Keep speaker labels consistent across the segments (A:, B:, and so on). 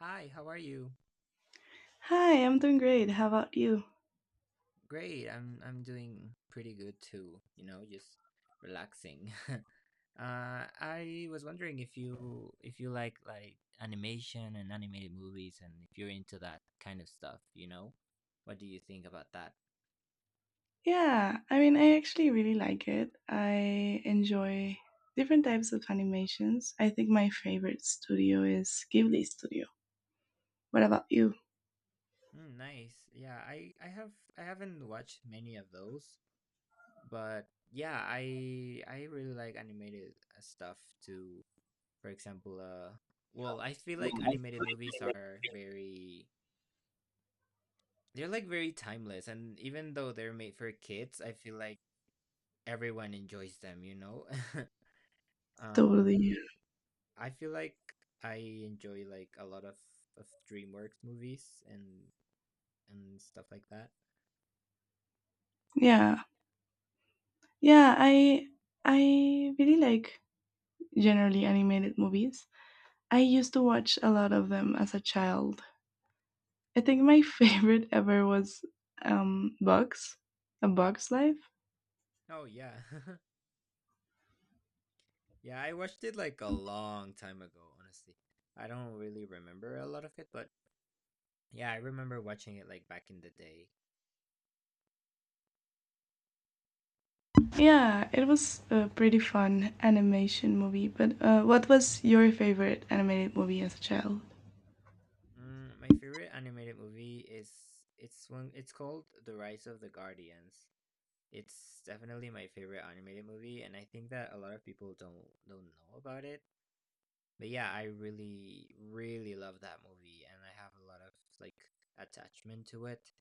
A: Hi, how are you?
B: Hi, I'm doing great. How about you?
A: Great. I'm doing pretty good too, you know, just relaxing. I was wondering if you like animation and animated movies and if you're into that kind of stuff, you know? What do you think about that?
B: Yeah, I mean, I actually really like it. I enjoy different types of animations. I think my favorite studio is Ghibli Studio. What about you?
A: Mm, nice. Yeah, I have I haven't watched many of those, but yeah, I really like animated stuff too. For example, I feel like animated movies are very They're like very timeless, and even though they're made for kids, I feel like everyone enjoys them, you know? um,
B: Totally.
A: I feel like I enjoy like a lot of DreamWorks movies and stuff like that.
B: Yeah. Yeah, I really like generally animated movies. I used to watch a lot of them as a child. I think my favorite ever was um Bugs, A Bug's Life.
A: Oh yeah. Yeah, I watched it like a long time ago, honestly. I don't really remember a lot of it, but yeah, I remember watching it like back in the day.
B: Yeah, it was a pretty fun animation movie, but what was your favorite animated movie as a child?
A: Mm, my favorite animated movie is it's called The Rise of the Guardians. It's definitely my favorite animated movie, and I think that a lot of people don't know about it. But yeah, I really love that movie, and I have a lot of like attachment to it.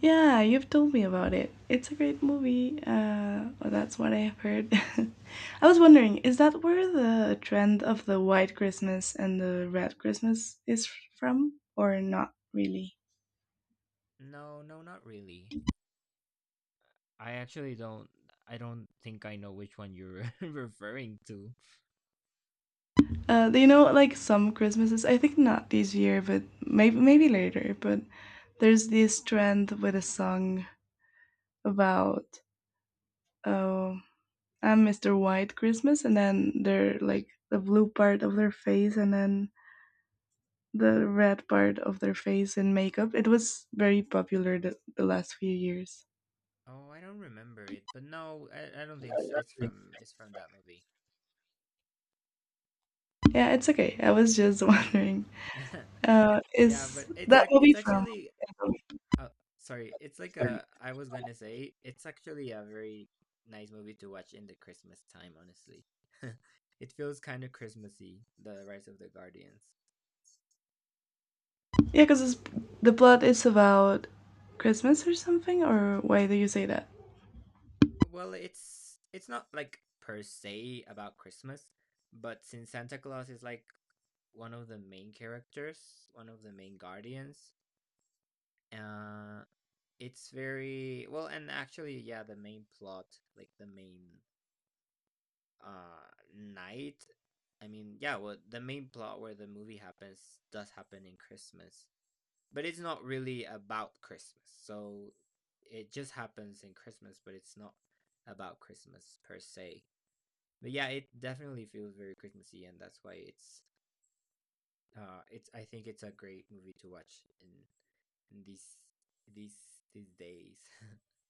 B: Yeah, you've told me about it. It's a great movie. Well, that's what I have heard. I was wondering, is that where the trend of the white Christmas and the red Christmas is from, or not really?
A: No, no, not really. I actually don't. I don't think I know which one you're referring to.
B: Do you know, like some Christmases, I think not this year, but maybe later. But there's this trend with a song about. Oh, and Mr. White Christmas, and then they're like the blue part of their face, and then the red part of their face in makeup. It was very popular the last few years.
A: Oh, I don't remember it, but no, I don't think it's from that movie.
B: Yeah, it's okay. I was just wondering,
A: Yeah, but
B: is that movie
A: it's
B: from?
A: actually Oh, sorry. It's like a, I was gonna say, it's actually a very nice movie to watch in the Christmas time, honestly. It feels kind of Christmassy, The Rise of the Guardians.
B: Yeah, because the plot is about Christmas or something, or why do you say that?
A: Well, it's not like per se about Christmas, but since Santa Claus is like one of the main characters, one of the main guardians, uh, it's very and actually, yeah, the main plot, like the main uh night yeah, well, the main plot where the movie happens does happen in Christmas, but it's not really about Christmas, so it just happens in Christmas, but it's not about Christmas per se. But yeah, it definitely feels very Christmassy, and that's why it's I think it's a great movie to watch in these these days.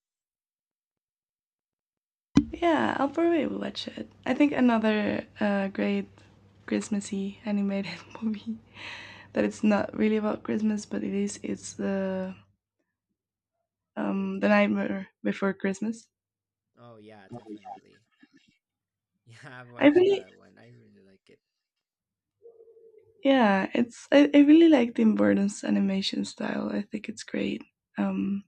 B: Yeah, I'll probably watch it. I think another great Christmassy animated movie. That it's not really about Christmas, but it is. It's the Nightmare Before Christmas.
A: Oh yeah, definitely. Yeah, I've
B: I
A: watched
B: really,
A: that one, I really like it.
B: yeah, I really like Tim Burton's animation style. I think it's great. Um,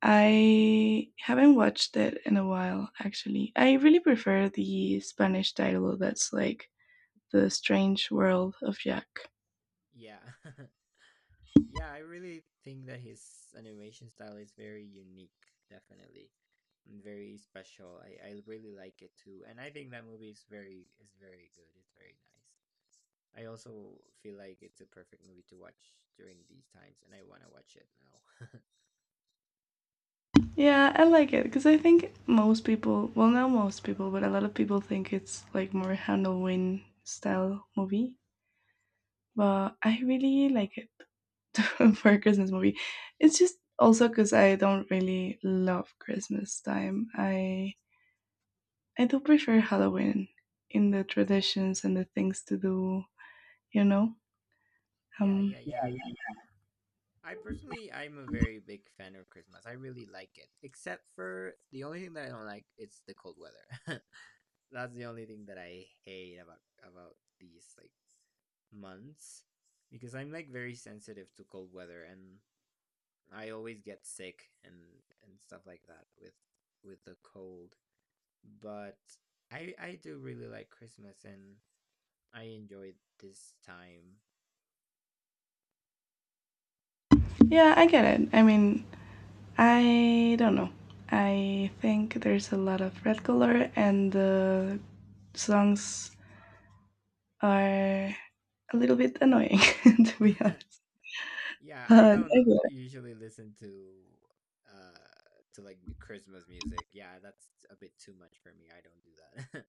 B: I haven't watched it in a while, actually. I really prefer the Spanish title. That's like the Strange World of Jack.
A: Yeah. Yeah, I really think that his animation style is very unique, definitely, and very special. I really like it too, and I think that movie is very good. It's very nice. I also feel like it's a perfect movie to watch during these times, and I want to watch it now.
B: Yeah, I like it because I think most people, well, not most people, but a lot of people think it's like more Halloween style movie. But I really like it for a Christmas movie. It's just also because I don't really love Christmas time. I do prefer Halloween in the traditions and the things to do. You know.
A: Yeah,
B: Um.
A: yeah, yeah. I personally, I'm a very big fan of Christmas. I really like it, except for the only thing that I don't like, it's the cold weather. That's the only thing that I hate about these like months because I'm like very sensitive to cold weather, and I always get sick and stuff like that with the cold. But I do really like Christmas, and I enjoy this time.
B: Yeah, I get it. I mean, I don't know. I think there's a lot of red color, and the songs are a little bit annoying, to be honest.
A: Yeah, I
B: But
A: don't
B: I get
A: usually listen uh to like Christmas music. Yeah, that's a bit too much for me. I don't do that.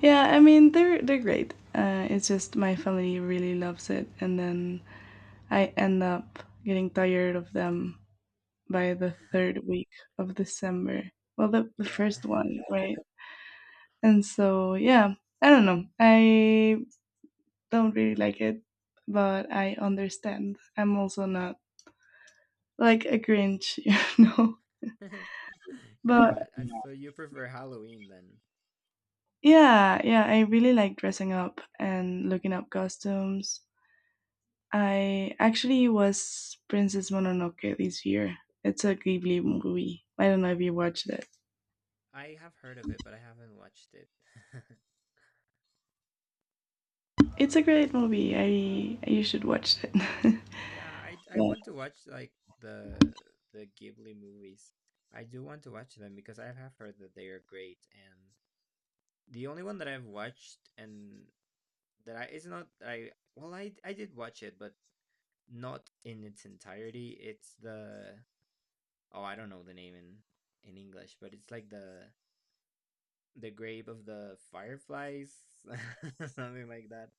B: Yeah, I mean they're great. It's just my family really loves it, and then I end up getting tired of them by the third week of December. Well, the
A: Yeah.
B: first one, right? And so yeah, I don't know. I don't really like it, but I understand. I'm also not like a Grinch, you know. But
A: Yeah, and so you prefer Halloween then.
B: yeah, yeah, I really like dressing up and looking up costumes. I actually was Princess Mononoke this year. It's a Ghibli movie. I don't know if you watched it.
A: I have heard of it, but I haven't watched it.
B: It's a great movie. I you should watch it.
A: Yeah, I
B: Yeah,
A: want to watch like the Ghibli movies. I do want to watch them because I have heard that they are great. And the only one that I've watched and that I did watch it, but not in its entirety. It's the oh I don't know the name in English, but it's like the grave of the fireflies, something like that.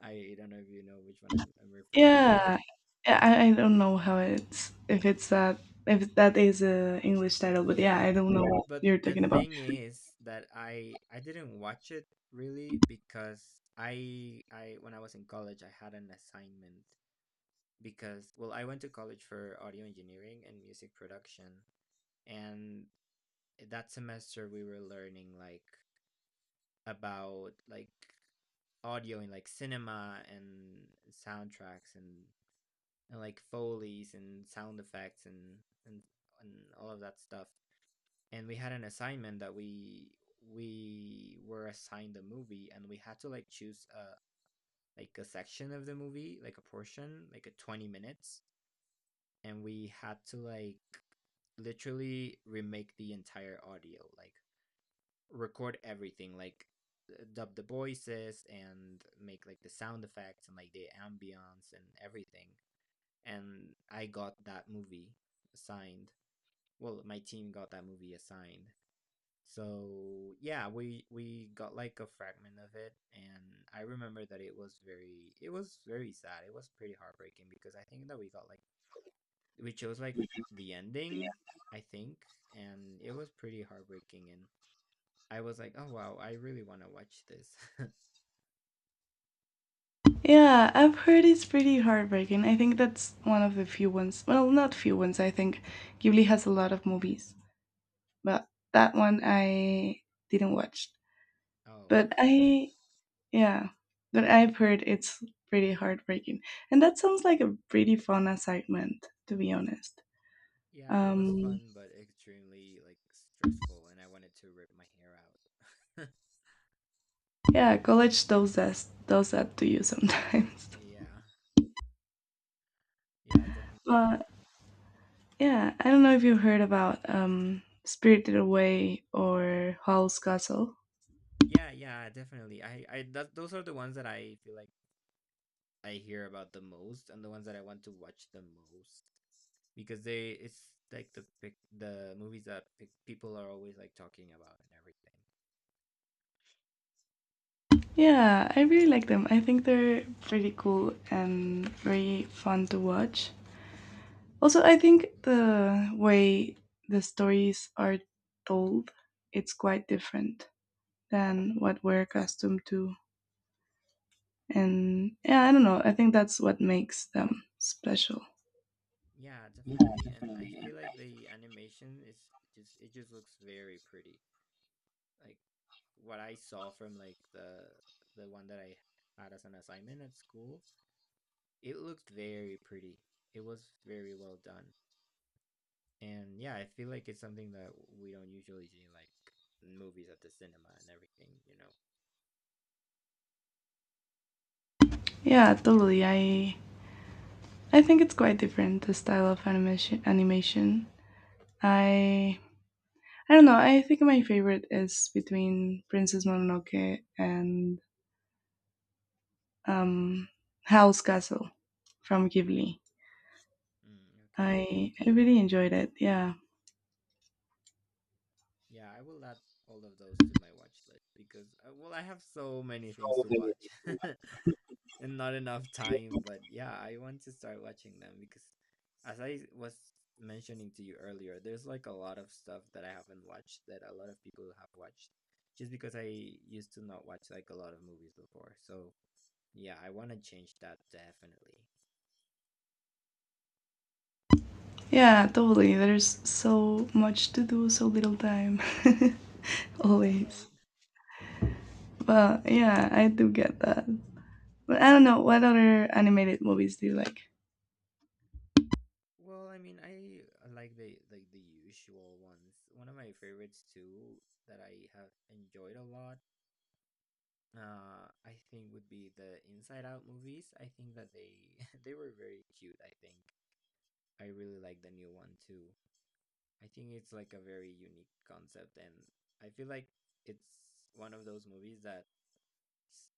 A: I don't know if you know which one I'm referring to.
B: yeah. I don't know how it's if it's that if that is a English title, but yeah,
A: Yeah.
B: I don't know what
A: But
B: you're
A: the
B: talking about.
A: thing is that I didn't watch it really because I when I was in college I had an assignment because well I went to college for audio engineering and music production, and that semester we were learning like about like audio and like cinema and soundtracks and like Foley's and sound effects and and all of that stuff, and we had an assignment that we were assigned a movie, and we had to like choose a like a section of the movie, like a portion, like a 20 minutes, and we had to like literally remake the entire audio like record everything like dub the voices and make like the sound effects and like the ambience and everything, and I got that movie assigned, well, my team got that movie assigned. So yeah, we got like a fragment of it, and I remember that it was very sad. It was pretty heartbreaking because I think that we got like we chose like the ending, I think, and it was pretty heartbreaking. And I was like, oh wow, I really want to watch this.
B: Yeah, I've heard it's pretty heartbreaking. I think that's one of the few ones. Well, not few ones. I think Ghibli has a lot of movies, but that one I didn't watch.
A: Oh.
B: But I Yeah, but I've heard it's pretty heartbreaking, and that sounds like a pretty fun assignment, to be honest.
A: Yeah, it was
B: Um,
A: fun but extremely like stressful, and I wanted to rip my hair out.
B: yeah, college does that to you sometimes.
A: Yeah, yeah, definitely.
B: But yeah, I don't know if you heard about Spirited Away or Howl's Castle.
A: Yeah, yeah, definitely. I those are the ones that I feel like. I hear about the most, and the ones that I want to watch the most because they it's like the movies that pic people are always like talking about and everything.
B: Yeah, I really like them. I think they're pretty cool and very fun to watch. Also, I think the way the stories are told, it's quite different. Than what we're accustomed to. And yeah, I don't know. I think that's what makes them special.
A: Yeah, definitely. And I feel like the animation is just it just looks very pretty. Like what I saw from like the one that I had as an assignment at school, it looked very pretty. It was very well done. And yeah, I feel like it's something that we don't usually see in like movies at the cinema and everything, you know.
B: Yeah, totally. I think it's quite different the style of animation. Animation. I I don't know. I think my favorite is between Princess Mononoke and um, Howl's Castle from Ghibli.
A: Mm, okay.
B: I really enjoyed it. Yeah.
A: Yeah, I will add all of those to my watch list because, well, I have so many things to watch and not enough time. But yeah, I want to start watching them because, as I was mentioning to you earlier, there's like a lot of stuff that I haven't watched that a lot of people have watched just because I used to not watch like a lot of movies before. So yeah, I want to change that definitely.
B: Yeah, totally. There's so much to do, so little time.
A: Yeah,
B: Always.
A: right.
B: Well, yeah, I do get that. But I don't know what other animated movies do you like.
A: Well, I mean, I like the usual ones. One of my favorites too that I have enjoyed a lot. I think would be the Inside Out movies. I think that they they were very cute. I think I really like the new one too. I think it's like a very unique concept, and I feel like it's one of those movies that, s-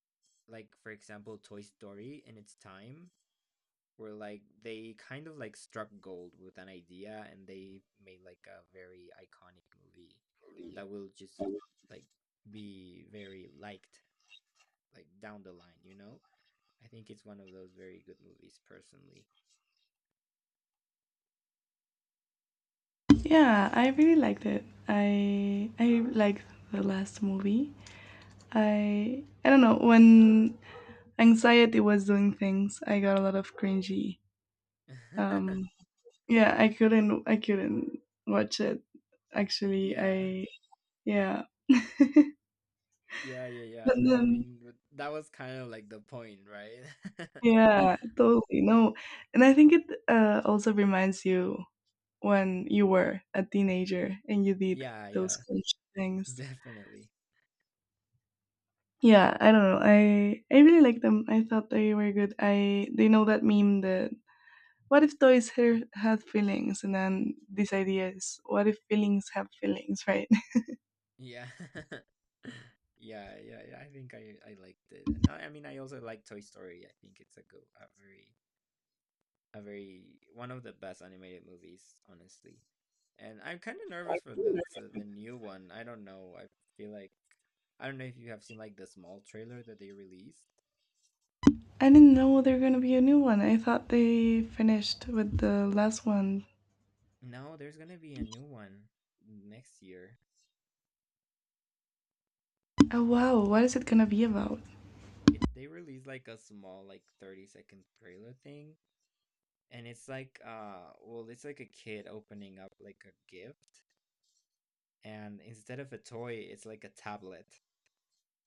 A: like for example, Toy Story in its time where like they kind of like struck gold with an idea and they made like a very iconic movie that will just like be very liked like down the line, you know. I think it's one of those very good movies personally.
B: Yeah, I really liked it. I liked the last movie. I don't know when anxiety was doing things. I got a lot of cringy. Um, yeah, I couldn't watch it. Actually,
A: yeah
B: I yeah.
A: yeah,
B: But
A: yeah, I
B: then
A: mean, but that was kind of like the point, right?
B: yeah, totally no. And I think it also reminds you when you were a teenager and you did
A: Yeah, yeah,
B: those kind of things.
A: definitely.
B: Yeah, I don't know. I really like them. I thought they were good. I they know that meme that what if toys ha- had feelings, and then this idea is what if feelings have feelings, right?
A: Yeah. Yeah, yeah, yeah, I think I liked it. No, I mean I also like Toy Story. I think it's a very one of the best animated movies, honestly. And I'm kind of nervous for the the new one. I don't know. I feel like I don't know if you have seen like the small trailer that they released.
B: I didn't know there were gonna be a new one. I thought they finished with the last one.
A: No, there's gonna be a new one next year.
B: Oh wow, what is it gonna be about?
A: It They released like a small like 30-second trailer thing, and it's like it's like a kid opening up like a gift, and instead of a toy, it's like a tablet.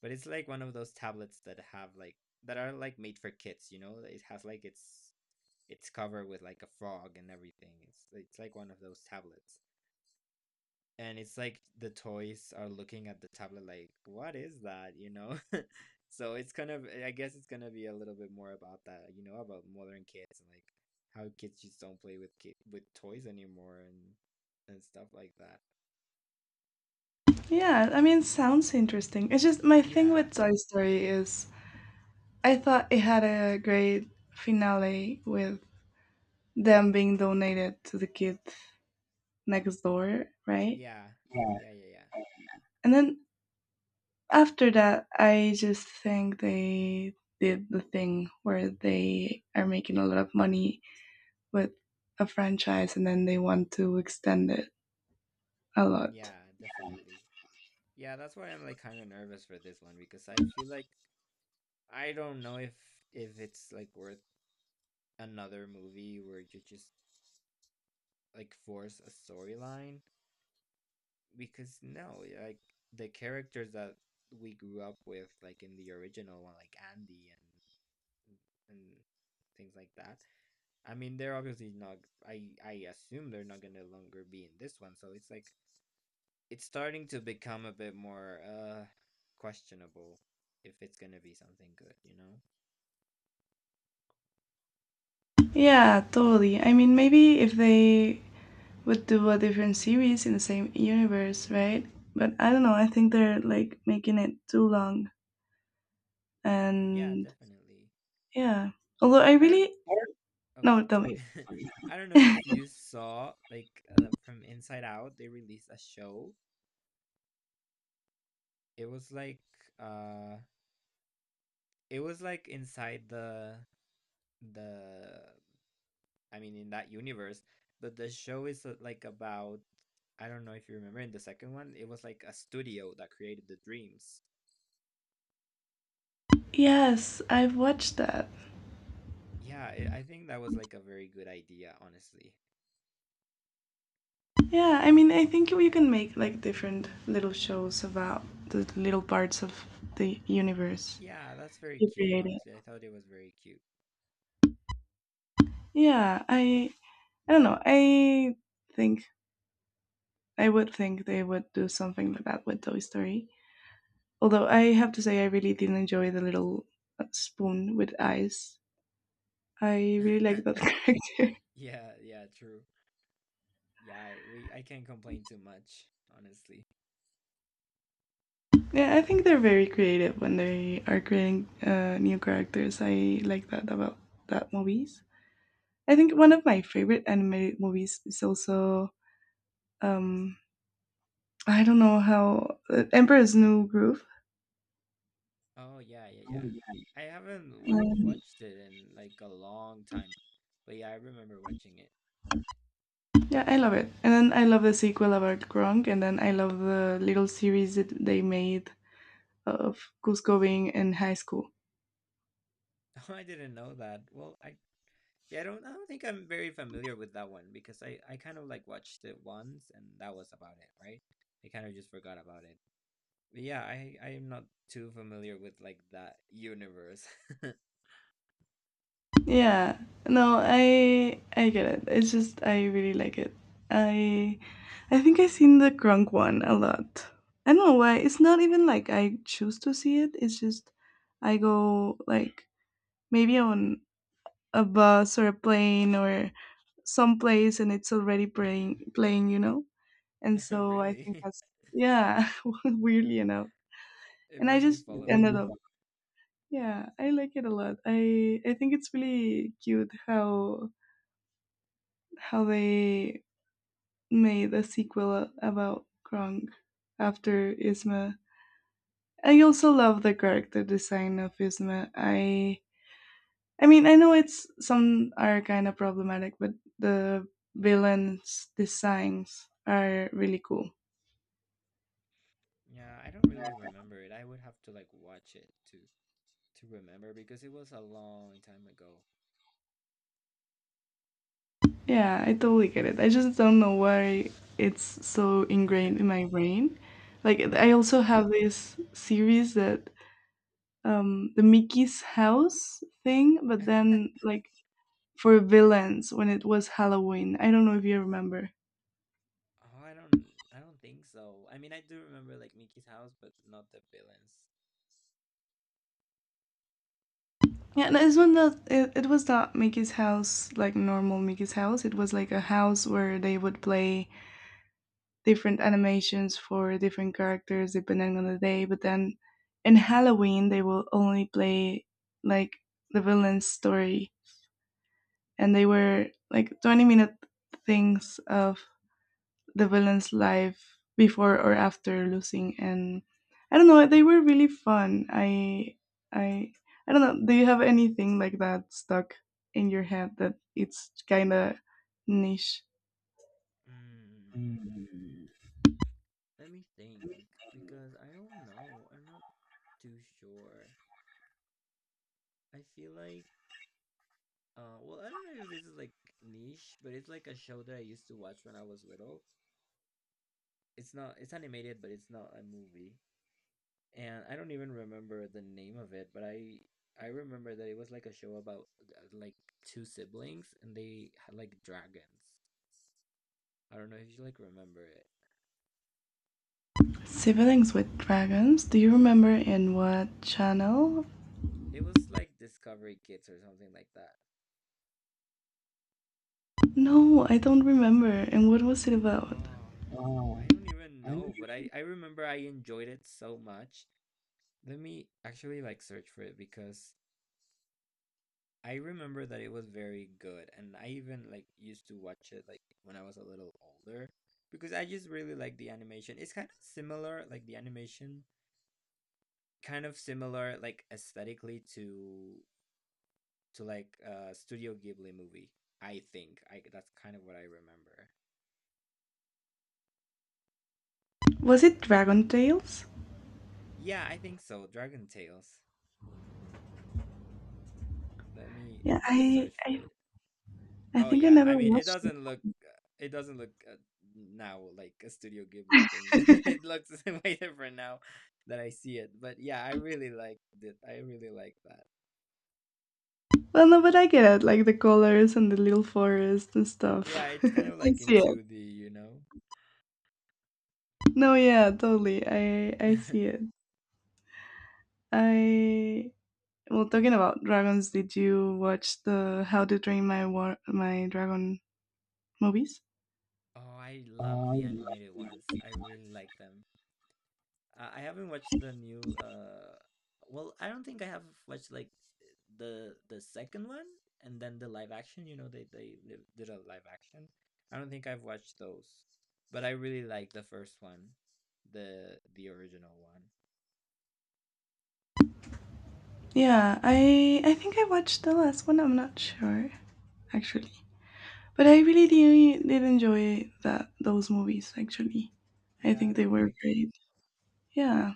A: But it's like one of those tablets that have like that are like made for kids, you know? It has like its it's cover with like a frog and everything. It's like one of those tablets. And it's like the toys are looking at the tablet like, "What is that?" you know? So it's kind of, I guess it's going to be a little bit more about that, you know, about modern kids and like how kids just don't play with with toys anymore and stuff like that.
B: Yeah, I mean, sounds interesting. It's just my thing
A: Yeah.
B: with Toy Story is I thought it had a great finale with them being donated to the kids next door, right?
A: Yeah. Yeah, yeah, yeah.
B: And then after that, I just think they did the thing where they are making a lot of money with a franchise and then they want to extend it a lot.
A: Yeah, definitely. Yeah, that's why I'm like kind of nervous for this one because I feel like I don't know if it's like worth another movie where you just like force a storyline because no, like the characters that we grew up with like in the original one, like Andy and things like that. I mean, they're obviously not I assume they're not going to longer be in this one, so it's like it's starting to become a bit more questionable if it's gonna be something good, you know?
B: Yeah, totally. I mean, maybe if they would do a different series in the same universe, right? But I don't know. I think they're like making it too long
A: Yeah,
B: and
A: definitely.
B: Yeah. Although I
A: I don't.
B: really
A: Oh,
B: no, tell me.
A: sorry. I don't know if you saw like from Inside Out, they released a show. It was like uh, it was like inside the. I mean, in that universe, but the show is like about. I don't know if you remember in the second one, it was like a studio that created the dreams.
B: Yes, I've watched that.
A: Yeah, I think that was like a very good idea, honestly.
B: Yeah, I mean, I think you can make like different little shows about the little parts of the universe
A: Yeah, that's very
B: you
A: cute,
B: created.
A: honestly. I thought it was very cute.
B: Yeah, I don't know. I think I would think they would do something like that with Toy Story. Although I have to say, I really didn't enjoy the little spoon with eyes. I really like that character.
A: Yeah, yeah, true. Yeah, I can't complain too much, honestly.
B: Yeah, I think they're very creative when they are creating new characters. I like that about that movies. I think one of my favorite animated movies is also um, I don't know how Emperor's New Groove.
A: Oh, yeah, yeah, yeah. I haven't like
B: Um,
A: watched it in like a long time, but yeah, I remember watching it.
B: yeah, I love it. And then I love the sequel about Gronk, and then I love the little series that they made of Cusco being in high school.
A: Oh, I didn't know that. Well, I Yeah, I don't think I'm very familiar with that one because I kind of like watched it once and that was about it, right? I kind of just forgot about it. Yeah, I am not too familiar with like that universe.
B: Yeah, no I get it. It's just I really like it. I I think I've seen the Gronk one a lot. I don't know why it's not even like I choose to see it. It's just I go like maybe on a bus or a plane or someplace and it's already playing, you know. And so I think
A: Really?
B: that's yeah weirdly enough.
A: It
B: And I
A: must be
B: just
A: following
B: ended up
A: you.
B: yeah, I like it a lot. I think it's really cute how they made a sequel about Krang after Isma. I also love the character design of Isma. I mean I know it's some are kind of problematic, but the villains designs are really cool.
A: Yeah, I don't really remember it. I would have to like watch it to remember because it was a long time ago.
B: Yeah, I totally get it. I just don't know why it's so ingrained in my brain. Like I
A: Yeah.
B: also have this series that the Mickey's house thing, but then like for villains when it was Halloween. I don't know if you remember.
A: Oh, I don't think so. I mean, I do remember like Mickey's house, but not the villains.
B: Yeah, no, this one not, it was not Mickey's house, like normal Mickey's house. It was like a house where they would play different animations for different characters depending on the day. But then in Halloween, they will only play like the villain's story. And they were like 20-minute things of the villain's life before or after losing and I don't know they were really fun. I i i don't know, do you have anything like that stuck in your head that it's kind of niche?
A: Mm,
B: Mm.
A: let me think because I don't know. I'm not too sure. I feel like I don't know if this is like niche, but it's like a show that I used to watch when I was little. It's not, it's animated, but it's not a movie. And I don't even remember the name of it, but I remember that it was like a show about like two siblings and they had like dragons. I don't know if you like remember it.
B: Siblings with dragons, do you remember in what channel?
A: It was like Discovery Kids or something like that.
B: No I don't remember, and what was it about?
A: Oh, I don't even know, but I remember I enjoyed it so much. Let me actually like search for it because I remember that it was very good, and I even like used to watch it like when I was a little older because I just really like the animation. It's kind of similar, like the animation, kind of similar, like aesthetically to like a Studio Ghibli movie. I think I that's kind of what I remember.
B: Was it Dragon Tales?
A: Yeah, I think so. Dragon Tales. Let me
B: Yeah
A: just search for it.
B: I
A: Oh
B: think I
A: yeah, I
B: never
A: mean
B: watched.
A: it doesn't look now like a Studio Ghibli thing. It looks way different now that I see it. But yeah, I really liked it. I really like that.
B: Well, no, but I get it, like the colors and the little forest and stuff.
A: Yeah, it's kind of
B: I
A: like in
B: see it.
A: 2D, you know.
B: No, yeah, totally.
A: Oh,
B: I see it. I well, talking about dragons, did you watch the How to Train My War My Dragon movies?
A: I love the
B: I
A: animated ones. I really like them. I haven't watched the new well, I don't think I have watched like the second one and then the live action, you know, did a live action. I don't think I've watched those. But I really like the first one, the original one.
B: Yeah, I think I watched the last one. I'm not sure actually, but I really did enjoy that those movies. Actually, I
A: Yeah,
B: think they
A: they're
B: were
A: very cute.
B: great. Yeah.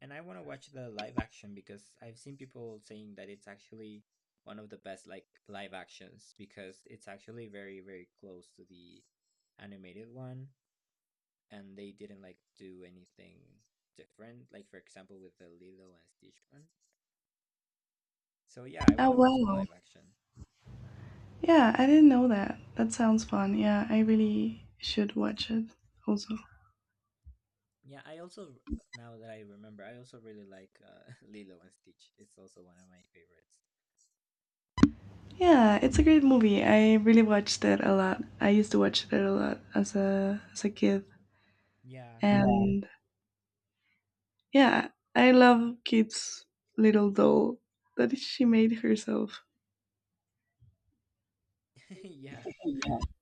A: And I want to watch the live action because I've seen people saying that it's actually one of the best like live actions because it's actually very very close to the animated one and they didn't like do anything different, like for example with the Lilo and Stitch one. So yeah, I
B: Oh
A: want to watch the
B: wow.
A: live action.
B: Yeah, I didn't know that. That sounds fun. Yeah, I really should watch it also.
A: Yeah, I also, now that I remember, I also really like Lilo and Stitch. It's also one of my favorites.
B: Yeah, it's a great movie. I really watched it a lot. I used to watch it a lot as a kid.
A: Yeah
B: Yeah. And yeah, I love Kit's little doll that she made herself.
A: yeah,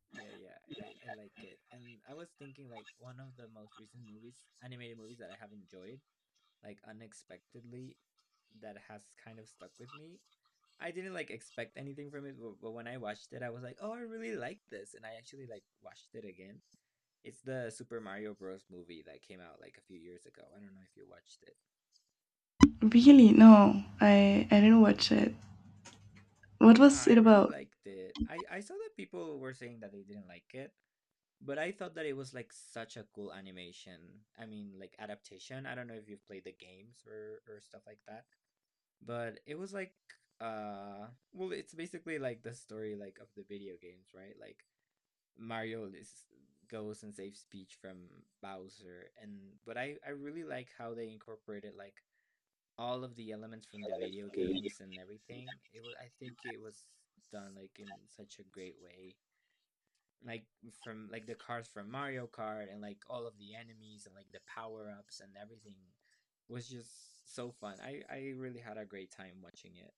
A: yeah, yeah, I like it. And I was thinking like one of the most recent movies animated movies that I have enjoyed like unexpectedly, that has kind of stuck with me. I didn't like expect anything from it, but when I watched it, I was like, "Oh, I really like this," and I actually like watched it again. It's the Super Mario Bros. Movie that came out like a few years ago. I don't know if you watched it.
B: Really? No. I didn't watch it. What
A: Yeah,
B: was
A: I
B: it
A: really
B: about?
A: liked it. I saw that people were saying that they didn't like it, but I thought that it was like such a cool animation. I mean, like adaptation. I don't know if you've played the games or stuff like that, but it was like uh well, it's basically like the story like of the video games, right? Like Mario is, goes and saves Peach from Bowser, and but I really like how they incorporated like all of the elements from the video games and everything. It was, I think it was done like in such a great way, like from like the cars from Mario Kart and like all of the enemies and like the power ups and everything was just so fun. I really had a great time watching it.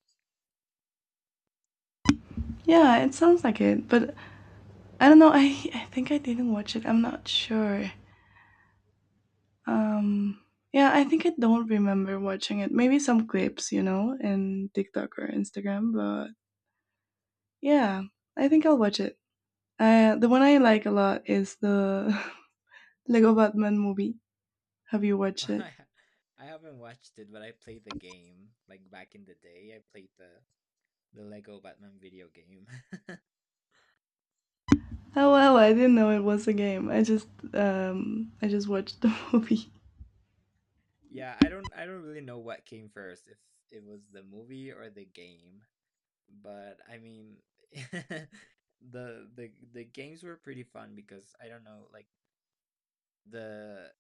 B: Yeah, it sounds like it, but I don't know. I think I didn't watch it. I'm not sure. Um, yeah, I think I don't remember watching it. Maybe some clips, you know, in TikTok or Instagram, but yeah, I think I'll watch it. The one I like a lot is the Lego Batman movie. Have you watched it?
A: I haven't watched it, but I played the game like back in the day. I played the Lego Batman video game.
B: Oh well, I didn't know it was a game. I just watched the movie.
A: Yeah, I don't really know what came first, if it was the movie or the game. But I mean the the games were pretty fun because I don't know, like the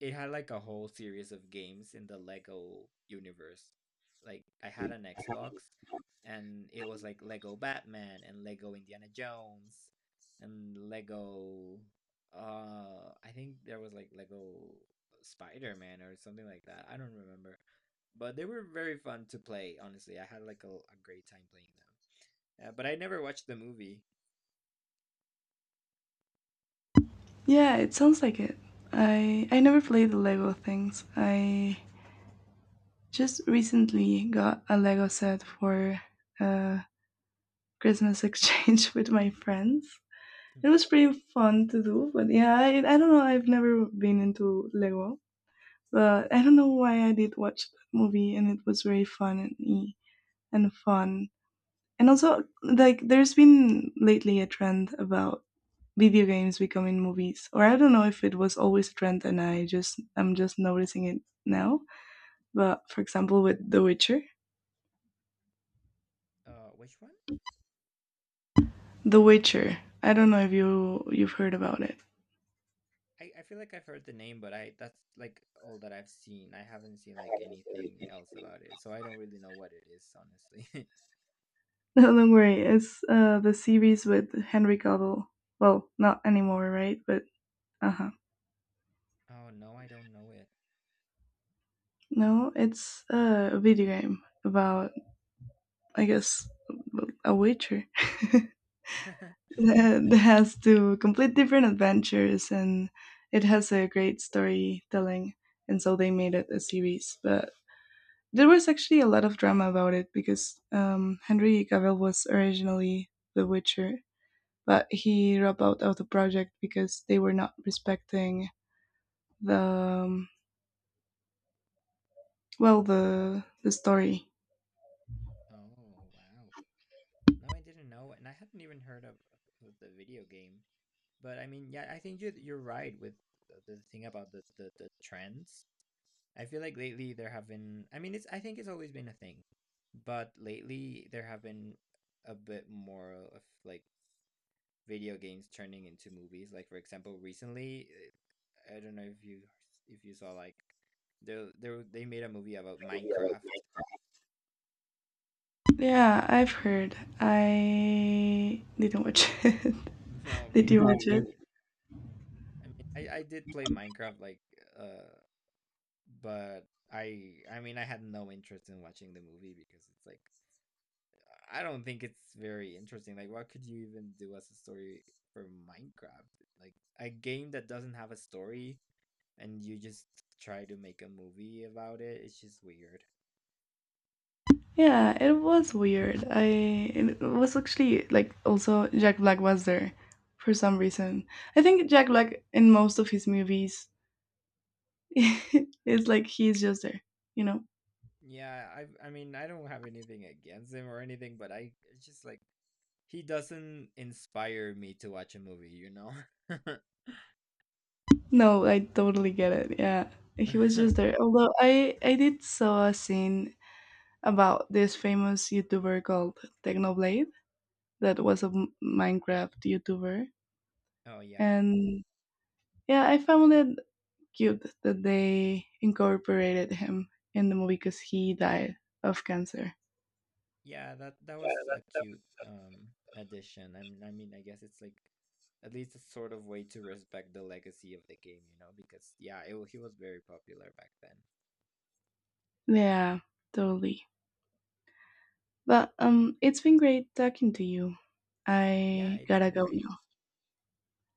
A: it had like a whole series of games in the Lego universe. Like I had an Xbox and it was like Lego Batman and Lego Indiana Jones and Lego I think there was like Lego Spider-Man or something like that. I don't remember. But they were very fun to play, honestly. I had like a great time playing them. But I never watched the movie.
B: Yeah, it sounds like it. I never played the Lego things. I just recently got a Lego set for uh Christmas exchange with my friends.
A: Hmm.
B: It was pretty fun to do, but yeah, I don't know. I've never been into Lego, but I don't know why I did watch that movie, and it was very fun and fun. And also, like, there's been lately a trend about video games becoming movies, or I don't know if it was always a trend, and I'm just noticing it now. But for example, with The Witcher,
A: Uh, which one?
B: The Witcher. I don't know if you you've heard about it.
A: I feel like I've heard the name, but I that's like all that I've seen. I haven't seen like anything else about it, so I don't really know what it is, honestly.
B: No, don't worry. It's the series with Henry Cavill. Well, not anymore, right? But uh huh.
A: Oh no, I don't know it.
B: No, it's a video game about, I guess, a witcher that has to complete different adventures, and it has a great storytelling. And so they made it a series. But there was actually a lot of drama about it because Henry Cavill was originally the Witcher, but he dropped out of the project because they were not respecting the well the story.
A: Oh wow. No, I didn't know, and I hadn't even heard of the video game. But I mean, yeah, I think you're right with the thing about the trends. I feel like lately there have been. I mean, it's I think it's always been a thing, but lately there have been a bit more of like video games turning into movies. Like for example, recently, I don't know if you saw like they made a movie about Minecraft.
B: Yeah, I've heard. I didn't watch it.
A: No, me
B: Did you watch
A: neither.
B: it?
A: Did. I mean, I did play Minecraft like uh, but I mean I had no interest in watching the movie because it's like I don't think it's very interesting. Like, what could you even do as a story for Minecraft? Like a game that doesn't have a story and you just try to make a movie about it. It's just weird.
B: Yeah, it was weird. I it was actually like also Jack Black was there for some reason. I think Jack Black in most of his movies is like he's just there, you know.
A: Yeah, I mean I don't have anything against him or anything, but I it's just like he doesn't inspire me to watch a movie, you know?
B: No, I totally get it. Yeah, he was just there. Although I did saw a scene about this famous YouTuber called Technoblade that was a Minecraft YouTuber,
A: Oh yeah.
B: and yeah, I found it cute that they incorporated him in the movie because he died of cancer.
A: Yeah, that that was a cute addition. I mean I guess it's like at least a sort of way to respect the legacy of the game, you know, because yeah, he was very popular back then.
B: Yeah, totally. But it's been great talking to you.
A: Yeah,
B: I
A: it's
B: gotta
A: been
B: go
A: great.
B: now.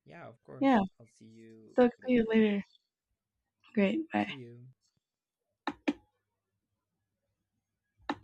A: Yeah, of
B: Yeah,
A: course. I'll see you
B: talk to you
A: later.
B: later. Great,
A: See
B: bye.
A: you.